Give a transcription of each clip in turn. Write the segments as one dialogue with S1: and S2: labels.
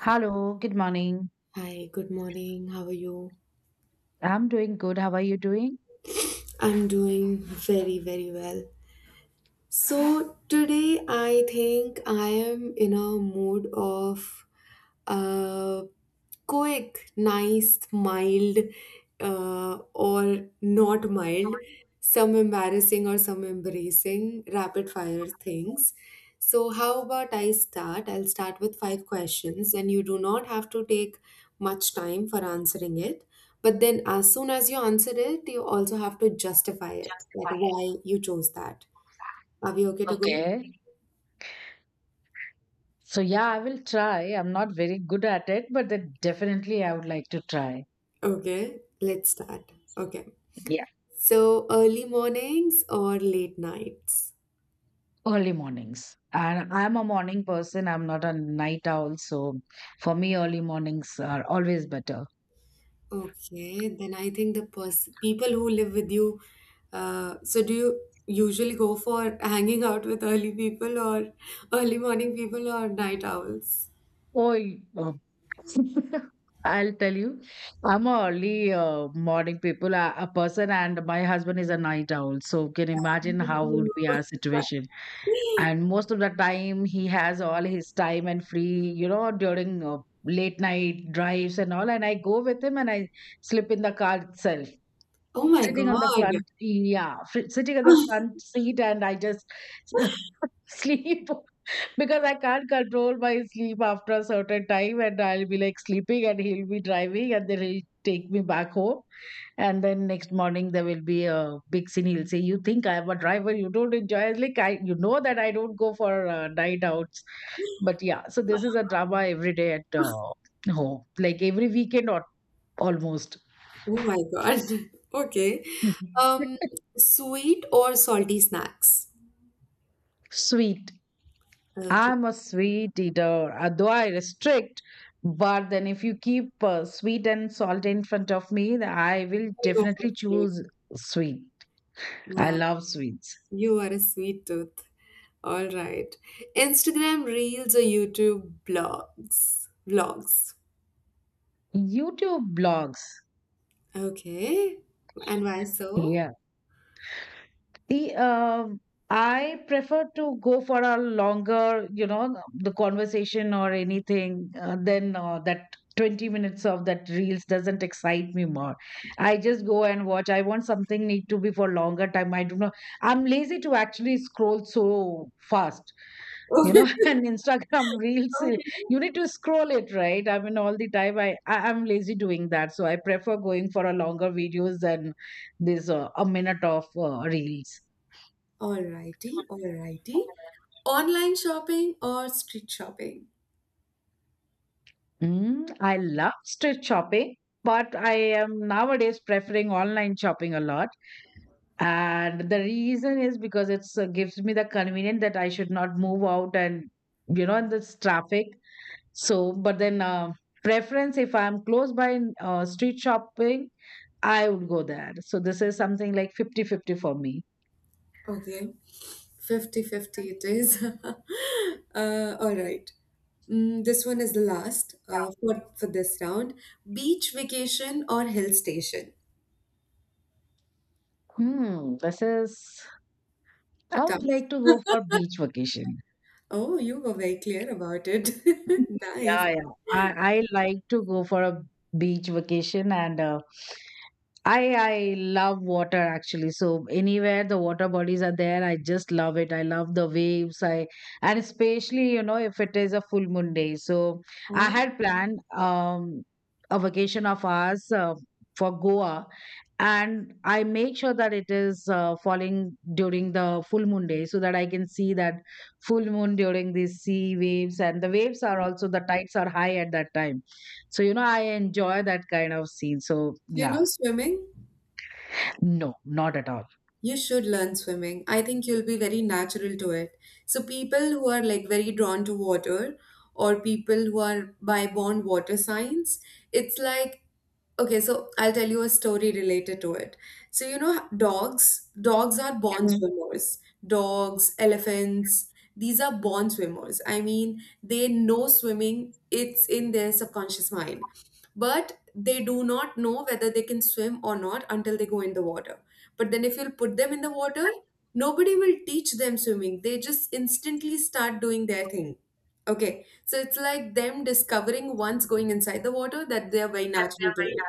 S1: Hello, good morning.
S2: Hi, good morning. How are you?
S1: I'm doing good. How are you doing?
S2: I'm doing very, very well. So, today I think I am in a mood of uh, quick, nice, mild, or not mild, some embarrassing or some embracing, rapid fire things. So, how about I start? I'll start with five questions, and you do not have to take much time for answering it. But then, as soon as you answer it, you also have to justify it that why you chose that. Are we okay to go?
S1: Okay. So, yeah, I will try. I'm not very good at it, but then definitely I would like to try.
S2: Okay, let's start. Okay.
S1: Yeah.
S2: So early mornings or late nights?
S1: Early mornings. And I'm a morning person. I'm not a night owl. So, for me, early mornings are always better.
S2: Okay, then I think the people who live with you. So do you usually go for hanging out with early people or early morning people or night owls?
S1: Oh, I'll tell you, I'm a early morning people, a person, and my husband is a night owl. So, can you imagine how would
S2: Mm.
S1: be our situation? And most of the time he has all his time and free, you know, during late night drives and all, and I go with him and I slip in the car itself,
S2: Oh my
S1: sitting on the
S2: God.
S1: front, yeah, sitting on the front seat, and I just sleep because I can't control my sleep after a certain time, and I'll be like sleeping and he'll be driving, and then he'll take me back home. And then next morning there will be a big scene. He'll say, "You think I'm a driver? You don't enjoy." I was like, I, you know, that I don't go for night outs. But yeah, so this is a drama every day at home, like every weekend or almost.
S2: Oh my God. Okay.
S1: Mhm.
S2: Um, sweet or salty snacks?
S1: Sweet.
S2: Okay,
S1: I'm a sweet eater, though I restrict. But then, if you keep sweet and salt in front of me, then I will
S2: I'll go for
S1: definitely
S2: sweet.
S1: choose sweet. I
S2: Wow,
S1: love sweets.
S2: you are a sweet tooth. All right. Instagram Reels or YouTube blogs? Vlogs.
S1: YouTube blogs.
S2: Okay. And why so?
S1: Yeah. The I prefer to go for a longer, you know, the conversation or anything. Then that 20 minutes of that reels doesn't excite me more. I just go and watch. I want something need to be for longer time. I do not. I'm lazy to actually scroll so fast, you
S2: Okay.
S1: know. And Instagram reels, eh,
S2: Okay.
S1: you need to scroll it, right? I mean, all the time. I'm lazy doing that, so I prefer going for a longer videos than this a minute of reels.
S2: Alrighty, alrighty. Online shopping or street shopping?
S1: Mm, I love street shopping, but I am nowadays preferring online shopping a lot. And the reason is because it's gives me the convenience that I should not move out and, you know, in this traffic. So, but then preference, if I'm close by in, street shopping, I would go there. So this is something like fifty fifty for me.
S2: Okay. Fifty-fifty is. All right. Mm, this one is the last for this round. Beach vacation or hill station?
S1: Hmm, this is I
S2: Tough.
S1: would like to go for beach vacation.
S2: Oh, you were very clear about it. Nice.
S1: Yeah, yeah. I like to go for a beach vacation, and I love water actually. So anywhere the water bodies are there, I just love it. I love the waves. I, and especially, you know, if it is a full moon day. So I had planned a vacation of ours for Goa, and I make sure that it is falling during the full moon day so that I can see that full moon during these sea waves, and the waves are also, the tides are high at that time, so, you know, I enjoy that kind of scene. So
S2: Do you
S1: yeah.
S2: know swimming?
S1: No, not at all.
S2: You should learn swimming. I think you'll be very natural to it. So people who are like very drawn to water or people who are by born water signs, it's like okay, so I'll tell you a story related to it. So you know dogs are born
S1: Mm.
S2: swimmers. Dogs, elephants, these are born swimmers. I mean, they know swimming, it's in their subconscious mind. But they do not know whether they can swim or not until they go in the water. But then, if you'll put them in the water, nobody will teach them swimming. They just instantly start doing their thing. Okay, so it's like them discovering once going inside the water that they are very natural to it.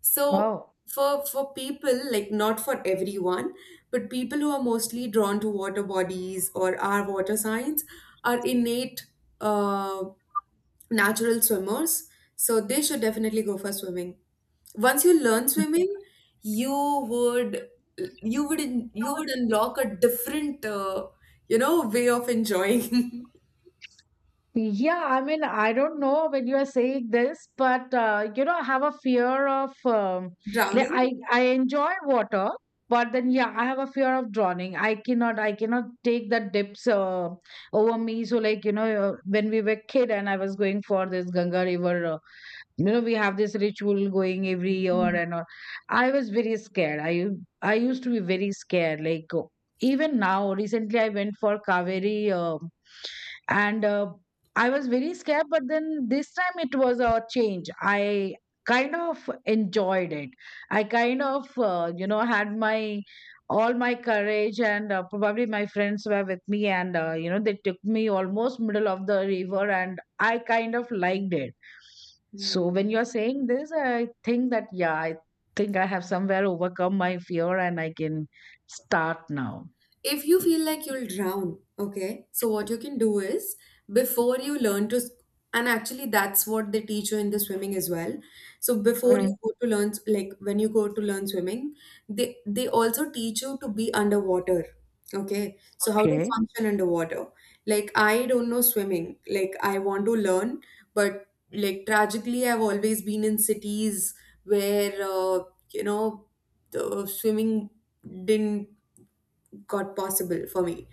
S2: So
S1: Oh,
S2: for people like not for everyone, but people who are mostly drawn to water bodies or are water signs are innate. Uh, natural swimmers, so they should definitely go for swimming. Once you learn swimming, you would you would unlock a different you know way of enjoying
S1: yeah. I mean, I don't know when you are saying this, but you know, I have a fear of like
S2: drowning.
S1: I enjoy water, but then yeah, I have a fear of drowning. I cannot take the dips over me. So like, you know, when we were kid and I was going for this Ganga River, you know, we have this ritual going every year and all. I was very scared. I used to be very scared, like, even now recently I went for Kaveri, and I was very scared, but then this time it was a change. I kind of enjoyed it. I kind of, you know, had my all my courage, and probably my friends were with me, and you know, they took me almost middle of the river, and I kind of liked it. So
S2: Mm.
S1: when you're saying this, I think that, yeah, I think I have somewhere overcome my fear, and I can start now.
S2: If you feel like you'll drown, okay, so what you can do is before you learn to, and actually that's what they teach you in the swimming as well. So before you
S1: Mm.
S2: go to learn, like when you go to learn swimming, they also teach you to be underwater. Okay, so how to
S1: Okay.
S2: function underwater. Like I don't know swimming. Like I want to learn, but like tragically, I've always been in cities where you know the swimming didn't got possible for me.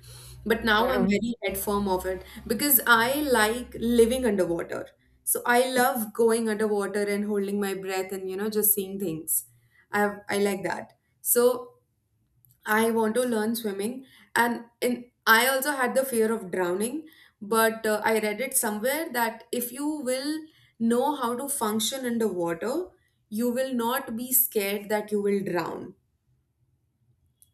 S2: But now I'm
S1: Mm.
S2: very head firm of it because I like living underwater. So I love going underwater and holding my breath and you know just seeing things. I like that. So I want to learn swimming and in I also had the fear of drowning, but I read it somewhere that if you will know how to function underwater, you will not be scared that you will drown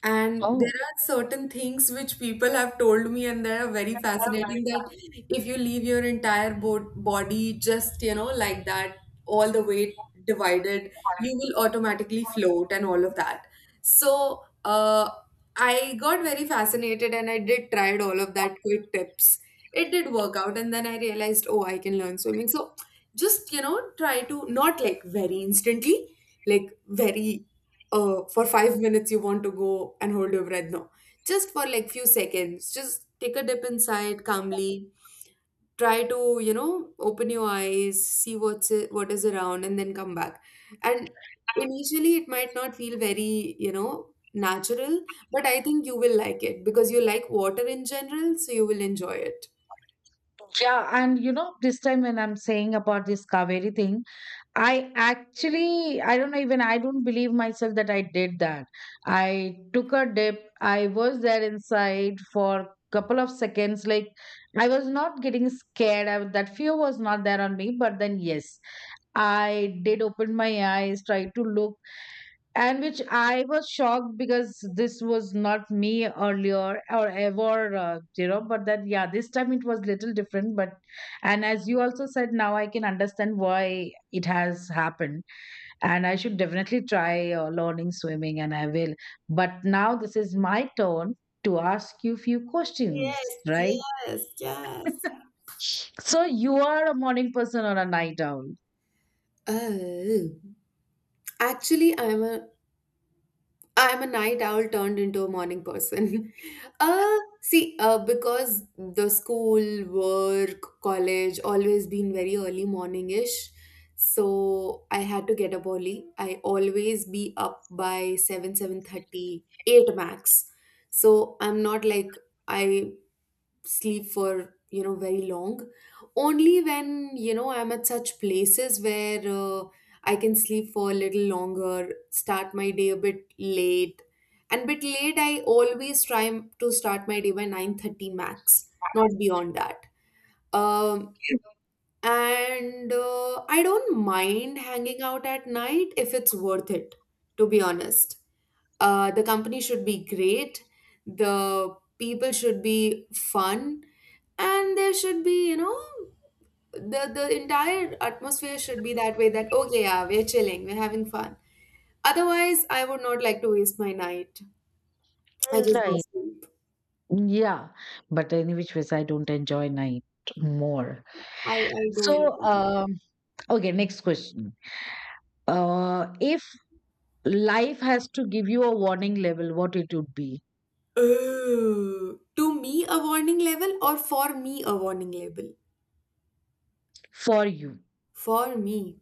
S2: and
S1: Oh,
S2: there are certain things which people have told me, and they are very fascinating that if you leave your entire body just, you know, like that, all the weight divided, you will automatically float and all of that. So, I got very fascinated and I did tried all of that quick tips. It did work out, and then I realized, oh, I can learn swimming. So, just, you know, try to not like very instantly, like very for 5 minutes you want to go and hold your breath. No, just for like few seconds, just take a dip inside calmly. Try to you know open your eyes, see what's it, what is around, and then come back. And initially, it might not feel very you know natural, but I think you will like it because you like water in general, so you will enjoy it.
S1: yeah. And you know, this time when I'm saying about this Kaveri thing, I actually, I don't know, even I don't believe myself that I did that. I took a dip. I was there inside for couple of seconds. Like, I was not getting scared. I, that fear was not there on me. But then, yes, I did open my eyes, tried to look, and which I was shocked because this was not me earlier or ever, you know. But that, yeah, this time it was little different. But and as you also said, now I can understand why it has happened, and I should definitely try learning swimming, and I will. But now this is my turn to ask you few questions,
S2: Yes,
S1: right?
S2: yes, yes.
S1: So you are a morning person or a night owl?
S2: Oh, actually, I'm a night owl turned into a morning person. See, because the school, work, college always been very early morning-ish. So I had to get up early. I always be up by 7, 7:30, eight max. So I'm not like I sleep for, you know, very long, only when you know I'm at such places where I can sleep for a little longer, start my day a bit late. And bit late I always try to start my day by 9:30 max, not beyond that. um and I don't mind hanging out at night if it's worth it, to be honest. The company should be great. The people should be fun, and there should be, you know, the entire atmosphere should be that way. That okay, yeah, we're chilling, we're having fun. Otherwise, I would not like to waste my night. I just go
S1: Night.
S2: sleep.
S1: Yeah, but any which ways, I don't enjoy night more.
S2: I do enjoy.
S1: So,
S2: It.
S1: okay, next question. If life has to give you a warning level, what it would be
S2: Oh, to me a warning level or for me a warning label?
S1: for you?
S2: For me,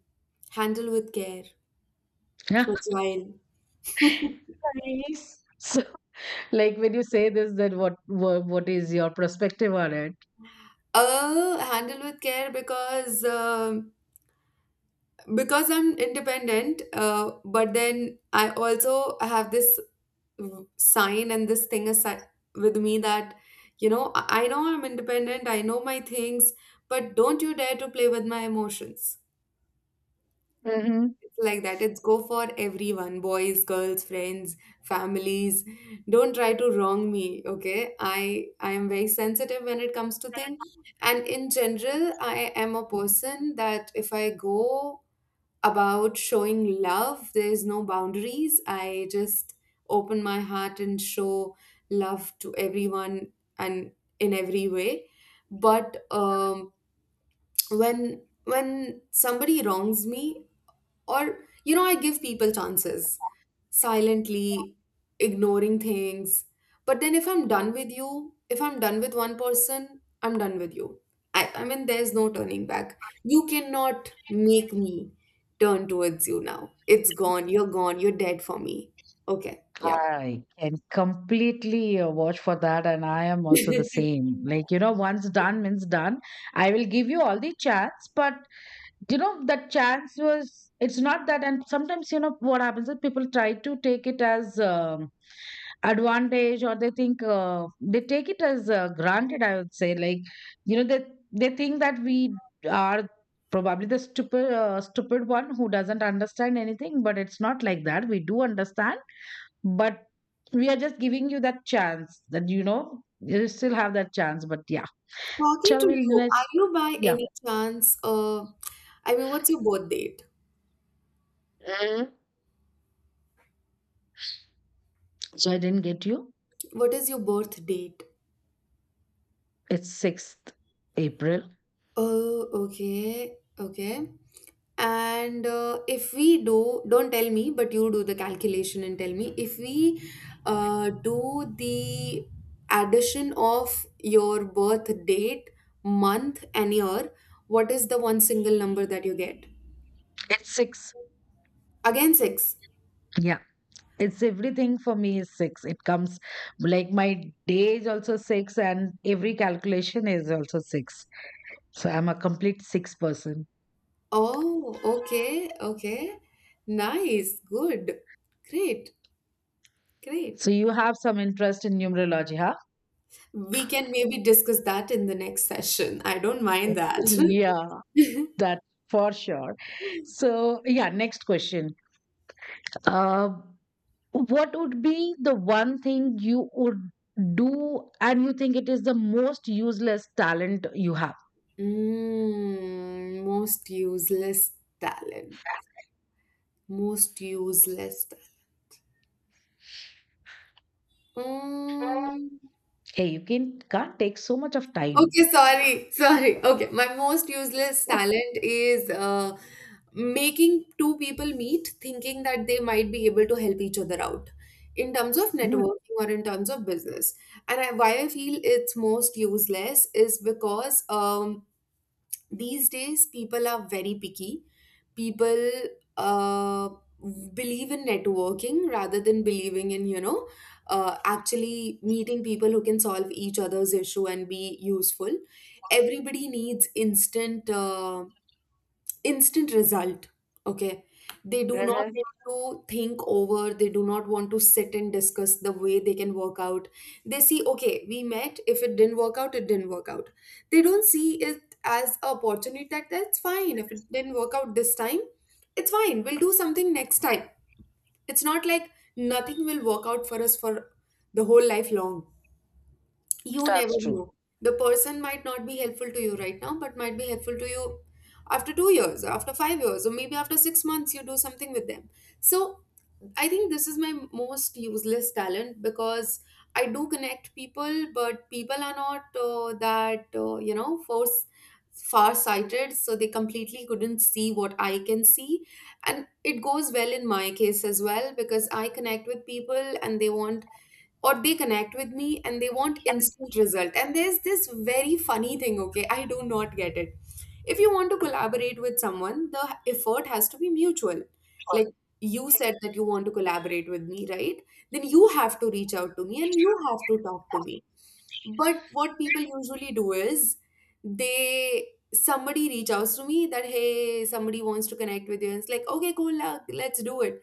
S2: handle with care, fragile.
S1: Nice. So, like when you say this, then what is your perspective on it?
S2: Handle with care because I'm independent, but then I also have this sign and this thing aside with me that you know I know I'm independent, I know my things, but don't you dare to play with my emotions.
S1: Hmm.
S2: It's like that. It's go for everyone, boys, girls, friends, families. Don't try to wrong me, okay? I am very sensitive when it comes to things. And in general, I am a person that if I go about showing love, there's no boundaries. I just open my heart and show love to everyone and in every way. But when somebody wrongs me or, you know, I give people chances silently, ignoring things. But then if I'm done with you, if I'm done with one person, I'm done with you. I mean, there's no turning back. You cannot make me turn towards you now. It's gone. You're gone. You're dead for me. Okay. Yeah.
S1: I can completely watch for that, and I am also the same. Like, you know, once done means done. I will give you all the chance, but you know that chance was it's not that. And sometimes, you know, what happens is people try to take it as advantage, or they think they take it as granted, I would say, like, you know, they think that we are probably the stupid stupid one who doesn't understand anything, but it's not like that. We do understand, but we are just giving you that chance that, you know, you still have that chance. But yeah,
S2: Talking
S1: shall
S2: to
S1: we
S2: you,
S1: let?
S2: are you by
S1: Yeah.
S2: any chance, I mean, what's your birth date?
S1: Mhm. So I didn't get you.
S2: What is your birth date?
S1: It's 6th April.
S2: Oh, okay, okay. And if we do, don't tell me, but you do the calculation and tell me if we do the addition of your birth date, month, and year, what is the one single number that you get?
S1: It's 6.
S2: Again, six.
S1: Yeah. It's everything for me is 6. It comes, like my day is also 6 and every calculation is also 6. So I'm a complete 6 person.
S2: Oh, okay, okay. Nice, good, great, great.
S1: So you have some interest in numerology, huh?
S2: We can maybe discuss that in the next session. I don't mind that.
S1: Yeah, that for sure. So, yeah, next question. Uh, what would be the one thing you would do and you think it is the most useless talent you have?
S2: Mm, most useless talent. Most useless talent.
S1: Hey, you can can't take so much of time.
S2: Okay, sorry, sorry. Okay, my most useless talent is making two people meet thinking that they might be able to help each other out in terms of
S1: Mm.
S2: networking or in terms of business. And I, why I feel it's most useless is because these days people are very picky. People uh, believe in networking rather than believing in, you know, actually meeting people who can solve each other's issue and be useful. Everybody needs instant result. Okay, they do not
S1: Mhm.
S2: want to think over, they do not want to sit and discuss the way they can work out. They see okay, we met, if it didn't work out, it didn't work out. They don't see it as an opportunity that that's fine, if it didn't work out this time, it's fine, we'll do something next time. It's not like nothing will work out for us for the whole life long. You never
S1: That's true.
S2: know. The person might not be helpful to you right now, but might be helpful to you after 2 years, or after 5 years, or maybe after 6 months, you do something with them. So, I think this is my most useless talent because I do connect people, but people are not that, force far sighted, so they completely couldn't see what I can see. And it goes well in my case as well because I connect with people and they want, or they connect with me and they want instant result. And there's this very funny thing, okay, I do not get it. If you want to collaborate with someone, the effort has to be mutual. Like, you said that you want to collaborate with me, right? Then you have to reach out to me and you have to talk to me. But what people usually do is they, somebody reach out to me that hey somebody wants to connect with you, and it's like okay cool luck let's do it.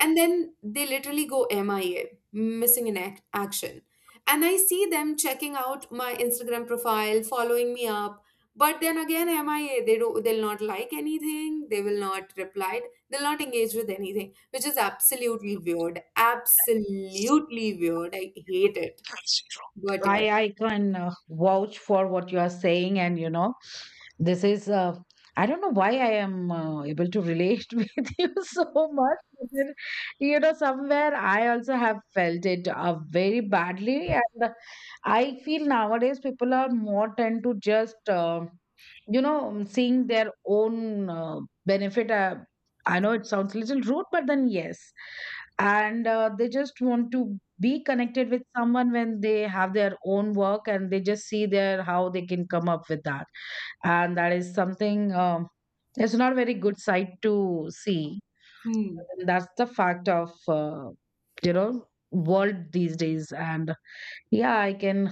S2: And then they literally go MIA, missing in action. And I see them checking out my Instagram profile, following me up, but then again MIA. They do, they'll not like anything, they will not reply, they'll not engage with anything, which is absolutely weird. Absolutely weird, I hate it. But yeah.
S1: I can vouch for what you are saying, and you know, this is. I don't know why I am able to relate with you so much. But then, you know, somewhere I also have felt it very badly, and I feel nowadays people are more tend to just. You know, seeing their own benefit. I know it sounds a little rude, but then yes. And they just want to be connected with someone when they have their own work, and they just see their how they can come up with that. And that is something, it's not a very good sight to see.
S2: Hmm.
S1: And that's the fact of you know, world these days. And yeah, I can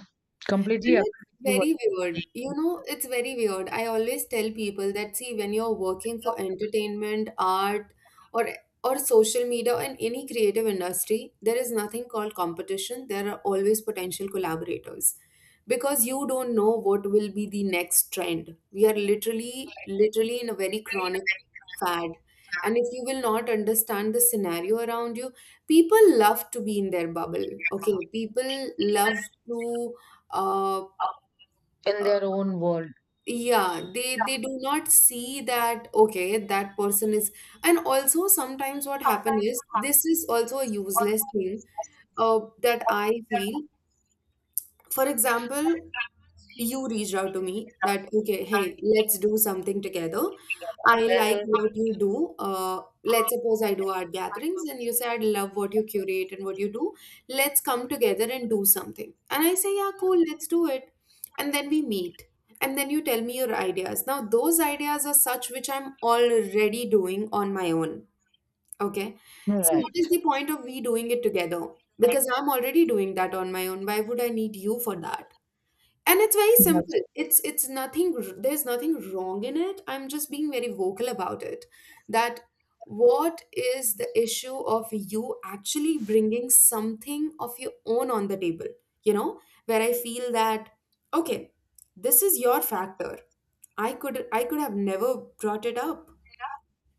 S1: completely
S2: And it's
S1: agree with you what
S2: very weird.
S1: you're
S2: You know, it's very weird. I always tell people that see, when you're working for entertainment, art, or or social media and any creative industry, there is nothing called competition. There are always potential collaborators because you don't know what will be the next trend. We are literally, literally in a very chronic fad. And if you will not understand the scenario around you, people love to be in their bubble. Okay, people
S1: saying
S2: love to uh,
S1: in their own world.
S2: yeah, they do not see that okay that person is, and also sometimes what happen is, this is also a useless thing, uh, that I feel. For example, you reached out to me that okay hey let's do something together, I like
S1: Mhm.
S2: what you do, let's suppose I do art gatherings and you say I love what you curate and what you do, let's come together and do something, and I say yeah cool let's do it. And then we meet, and then you tell me your ideas. Now those ideas are such which I'm already doing on my own. Okay, so what is
S1: Right.
S2: the point of we doing it together, because I'm already doing that on my own, why would I need you for that? And it's very
S1: That's
S2: simple, it's nothing, there's nothing wrong in it, I'm just being very vocal about it. That what is the issue of you actually bringing something of your own on the table, you know, where I feel that okay this is your factor, I could have never brought it up.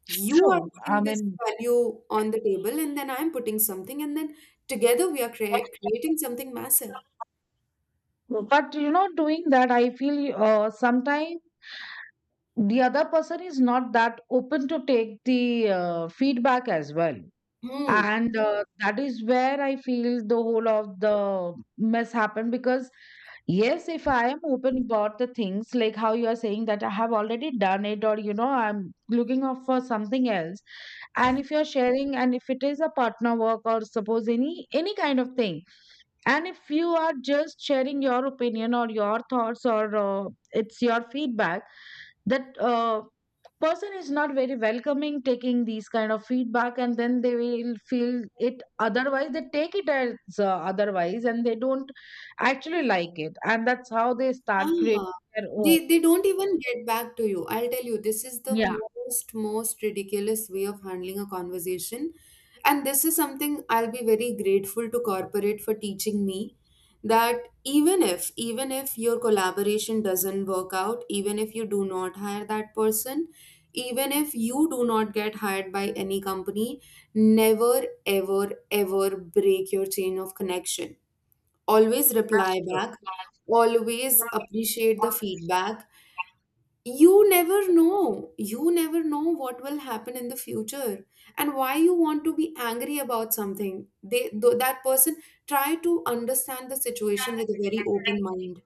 S2: You are
S1: true. I
S2: putting this
S1: mean,
S2: value on the table and then I'm putting something, and then together we are creating something massive.
S1: but you know, doing that, I feel, sometimes the other person is not that open to take the feedback as well.
S2: Hmm.
S1: And that is where I feel the whole of the mess happened because, yes, if I am open about the things, like how you are saying that I have already done it, or you know, I'm looking out for something else, and if you're sharing, and if it is a partner work or suppose any kind of thing, and if you are just sharing your opinion or your thoughts, or it's your feedback that, person is not very welcoming taking these kind of feedback, and then they will feel it otherwise. They take it as otherwise, and they don't actually like it, and that's how they start
S2: Yeah.
S1: creating their own.
S2: They don't even get back to you. I'll tell you, this is the
S1: Yeah,
S2: most ridiculous way of handling a conversation. And this is something I'll be very grateful to corporate for teaching me. That even if your collaboration doesn't work out, even if you do not hire that person, even if you do not get hired by any company, never ever ever break your chain of connection. Always
S1: that's
S2: reply
S1: true.
S2: back, always appreciate the feedback. You never know. You never know what will happen in the future and why you want to be angry about something. They, that person, try to understand the situation with a very open mind.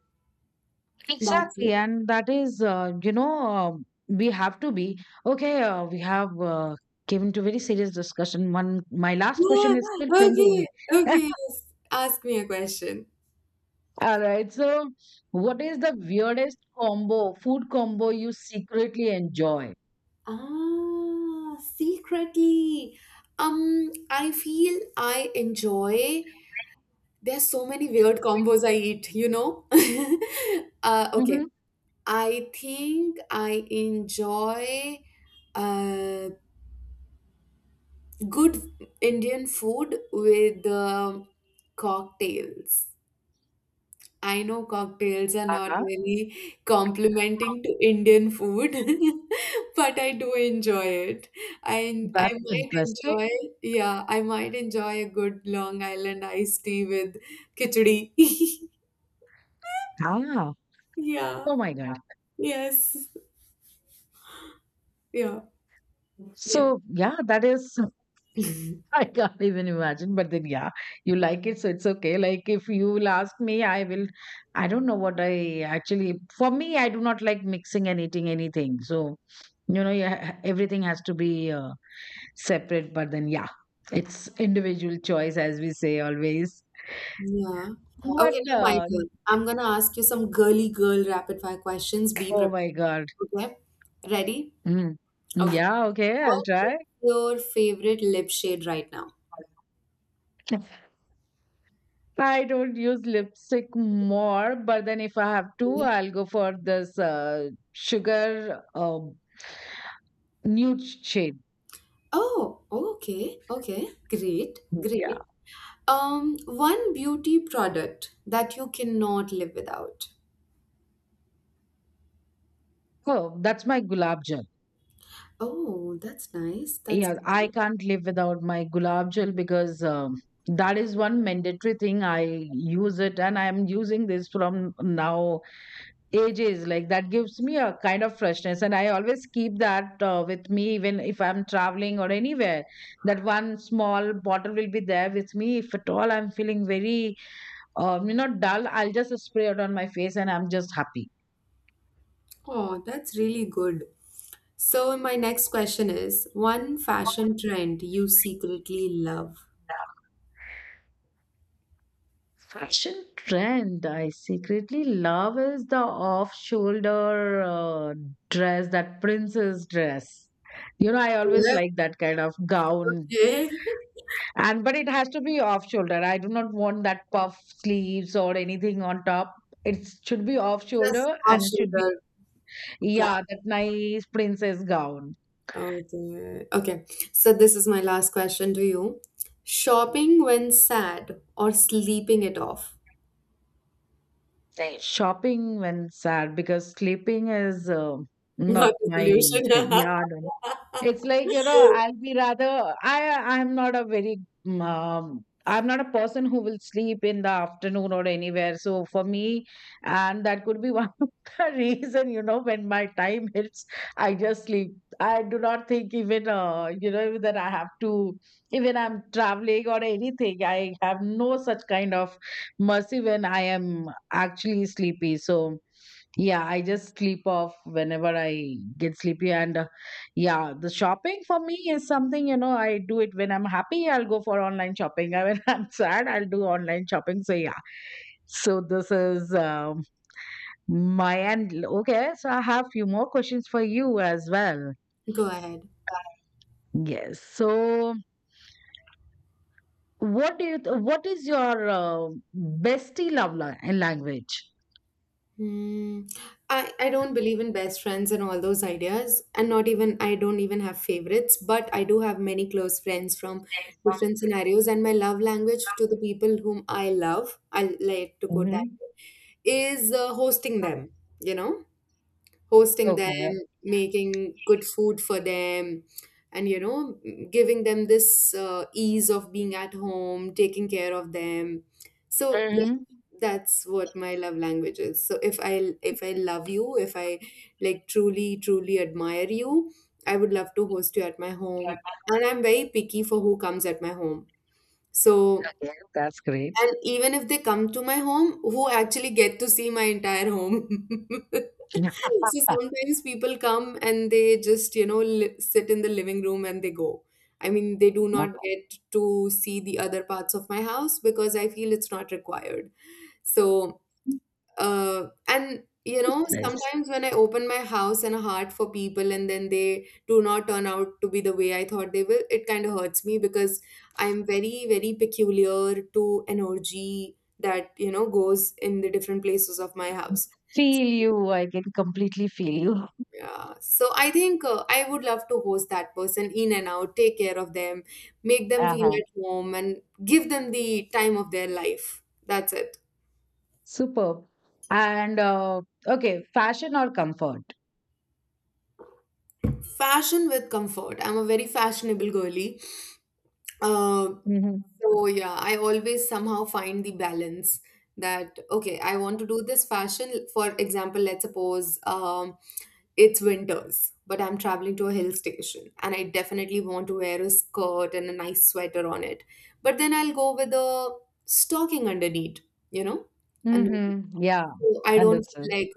S2: That's
S1: Exactly,
S2: it.
S1: and that is, you know, we have to be okay. We have given to very serious discussion. One, my last question
S2: Yeah,
S1: is still pending.
S2: okay, okay. Yes. Ask me a question.
S1: All right. So, what is the weirdest combo, food combo you secretly enjoy?
S2: Ah, secretly. I feel I enjoy. There's so many weird combos I eat, you know? Okay.
S1: Hmm.
S2: I think I enjoy uh, good Indian food with cocktails. I know cocktails are not
S1: Uh-huh.
S2: really complimenting to Indian food, but I do enjoy it. I I
S1: That's
S2: might
S1: interesting.
S2: enjoy, yeah, I might enjoy a good Long Island iced tea with khichdi.
S1: Ah,
S2: Yeah.
S1: oh my God.
S2: Yes. Yeah. Yeah.
S1: So, yeah, that is I can't even imagine. But then, yeah, you like it, so it's okay. Like if you will ask me, I will. I don't know what I actually. For me, I do not like mixing and eating anything. So, you know, yeah, everything has to be separate. But then, yeah, it's individual choice, as we say always.
S2: Yeah. Okay,
S1: But
S2: now my turn. I'm gonna ask you some girly girl rapid fire questions. Be
S1: oh my
S2: prepared.
S1: god,
S2: Okay. Ready?
S1: mm.
S2: Okay.
S1: Yeah, okay, I'll
S2: What is
S1: try.
S2: your favorite lip shade right now?
S1: I don't use lipstick more, but then if I have to,
S2: Yeah.
S1: I'll go for this sugar nude shade.
S2: Oh, okay. Okay. Great.
S1: Yeah.
S2: Great. One beauty product that you cannot live without.
S1: Oh, that's my gulab jal.
S2: Oh, that's nice. That's
S1: Yeah, I
S2: great.
S1: can't live without my gulab jal because that is one mandatory thing. I use it and I'm using this from now ages. Like that gives me a kind of freshness, and I always keep that with me even if I'm traveling or anywhere. That one small bottle will be there with me. If at all I'm feeling very, dull, I'll just spray it on my face and I'm just happy.
S2: Oh, that's really good. So, my next question is one fashion trend you secretly love.
S1: Trend I secretly love is the off shoulder dress, that princess dress. You know, I always
S2: Yeah.
S1: like that kind of gown.
S2: Okay.
S1: And but it has to be off shoulder. I do not want that puff sleeves or anything on top. It should be off
S2: Just
S1: shoulder and it
S2: option
S1: should be, yeah,
S2: grab.
S1: that nice princess gown.
S2: Okay. Okay. So, this is my last question to you. Shopping when sad or sleeping it off?
S1: Shopping when sad because sleeping is not
S2: Not the
S1: my
S2: solution.
S1: thing. Yeah, no. It's like, you know, I'll be rather I'm not a very I'm not a person who will sleep in the afternoon or anywhere. So for me, and that could be one of the reason, you know, when my time hits, I just sleep. I do not think even that I have to even I'm traveling or anything. I have no such kind of mercy when I am actually sleepy. So yeah, I just sleep off whenever I get sleepy. And yeah, the shopping for me is something, you know, I do it when I'm happy, I'll go for online shopping. And when I'm sad, I'll do online shopping. So yeah, so this is my end. Okay, so I have few more questions for you as well.
S2: Go ahead.
S1: Yes. So what is your bestie language?
S2: Hmm. I don't believe in best friends and all those ideas, and not even I don't even have favorites, but I do have many close friends from different scenarios. And my love language to the people whom I love, I like to quote that,
S1: Hmm.
S2: is hosting them, you know, hosting them,
S1: Okay.
S2: making good food for them, and you know, giving them this ease of being at home, taking care of them. So that,
S1: Mm.
S2: that's what my love language is. So if I love you, if I truly truly admire you, I would love to host you at my home. And I'm very picky for who comes at my home. So,
S1: Okay, that's great.
S2: and even if they come to my home, who actually get to see my entire home?
S1: Yeah.
S2: So sometimes people come and they just, you know, li sit in the living room and they go. I mean, they do
S1: That's
S2: not get to see the other parts of my house because I feel it's not required. So and you know
S1: nice.
S2: sometimes when I open my house and heart for people and then they do not turn out to be the way I thought they will, it kind of hurts me, because I'm very very peculiar to energy that you know goes in the different places of my house.
S1: Feel you. I can completely feel you.
S2: Yeah. So I think, I would love to host that person in and out, take care of them, make them feel
S1: Uh-huh.
S2: at home and give them the time of their life. That's it.
S1: Superb. And okay, fashion or comfort?
S2: Fashion with comfort, I'm a very fashionable girly. Um,
S1: Mm-hmm.
S2: so yeah, I always somehow find the balance. That okay, I want to do this fashion. For example, let's suppose it's winters, but I'm traveling to a hill station, and I definitely want to wear a skirt and a nice sweater on it. But then I'll go with a stocking underneath, you know, and
S1: Mm-hmm. Yeah,
S2: so I don't
S1: understood.
S2: feel like.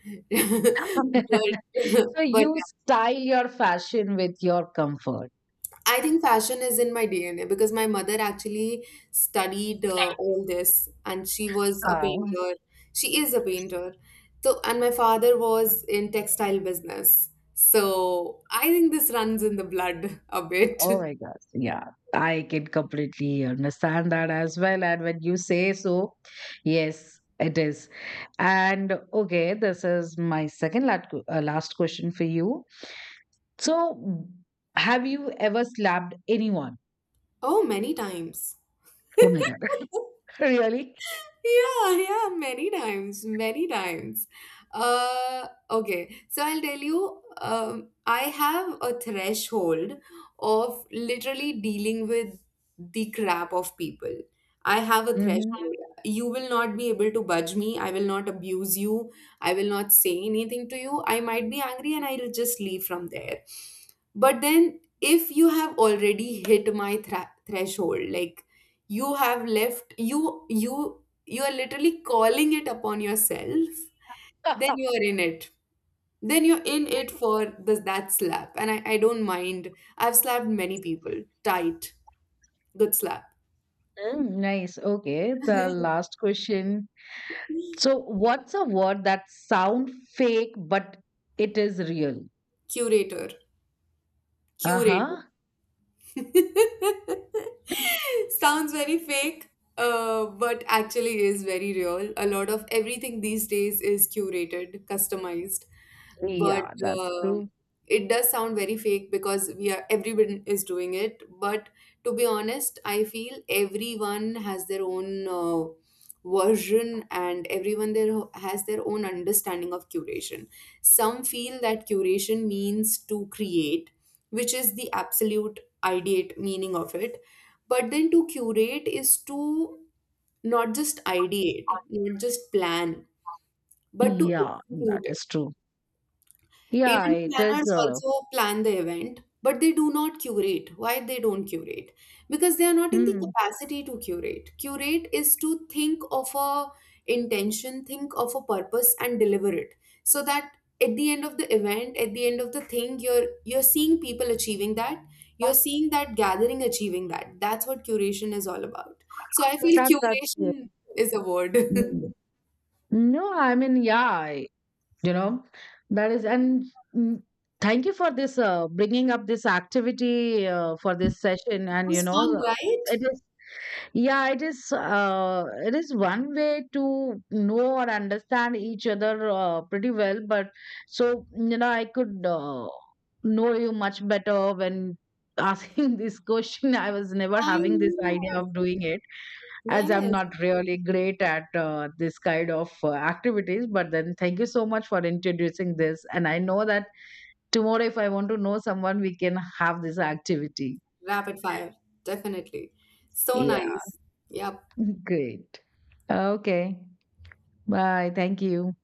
S2: but
S1: So
S2: but
S1: you style your fashion with your comfort.
S2: I think fashion is in my DNA because my mother actually studied all this and she was a
S1: Oh,
S2: painter. She is a painter. So, and my father was in textile business. So I think this runs in the blood a bit.
S1: oh my gosh. Yeah, I can completely understand that as well. And when you say so, yes, it is. And okay, this is my second last question for you. So, have you ever slapped anyone?
S2: Oh, many times.
S1: Oh my God. Really?
S2: Yeah, yeah, many times, many times. Okay, so I'll tell you, I have a threshold of literally dealing with the crap of people. I have a threshold.
S1: Hmm.
S2: You will not be able to budge me. I will not abuse you. I will not say anything to you. I might be angry and I'll just leave from there. But then, if you have already hit my threshold, like you have left, you are literally calling it upon yourself, then you are in it, then you're in it for that slap. And I don't mind, I've slapped many people. Tight, good slap.
S1: Mm, nice. Okay. The last question. So, what's a word that sound fake but it is real?
S2: Curator.
S1: Uh
S2: Curator.
S1: huh.
S2: Sounds very fake, but actually is very real. A lot of everything these days is curated, customized, but
S1: Yeah, that's
S2: um
S1: true.
S2: it does sound very fake because we are everyone is doing it. But to be honest, I feel everyone has their own version, and everyone there has their own understanding of curation. Some feel that curation means to create, which is the absolute ideate meaning of it. But then to curate is to not just ideate, not just plan, but to
S1: Yeah, that
S2: execute.
S1: is true. Yeah,
S2: Event
S1: it is.
S2: planners also plan the event, but they do not curate. Why they don't curate? Because they are not in the
S1: Mm,
S2: capacity to curate. Curate is to think of a intention, think of a purpose and deliver it. So that at the end of the event, at the end of the thing, you're seeing people achieving that. You're seeing that gathering achieving that. That's what curation is all about. So I feel
S1: that, that's true.
S2: curation is a word.
S1: Mm.
S2: It
S1: No, I mean, yeah, you know that is and mm, thank you for this bringing up this activity for this session and you
S2: was
S1: know
S2: fun,
S1: the-
S2: right?
S1: it is yeah it is one way to know or understand each other pretty well but so you know I could know you much better when asking this question I was never
S2: I
S1: having this idea
S2: know.
S1: of doing it as I'm
S2: Yes.
S1: not really great at this kind of activities. But then, thank you so much for introducing this. And I know that tomorrow, if I want to know someone, we can have this activity.
S2: Rapid fire, definitely. So
S1: Yeah,
S2: nice. Yep.
S1: great. Okay, bye. Thank you.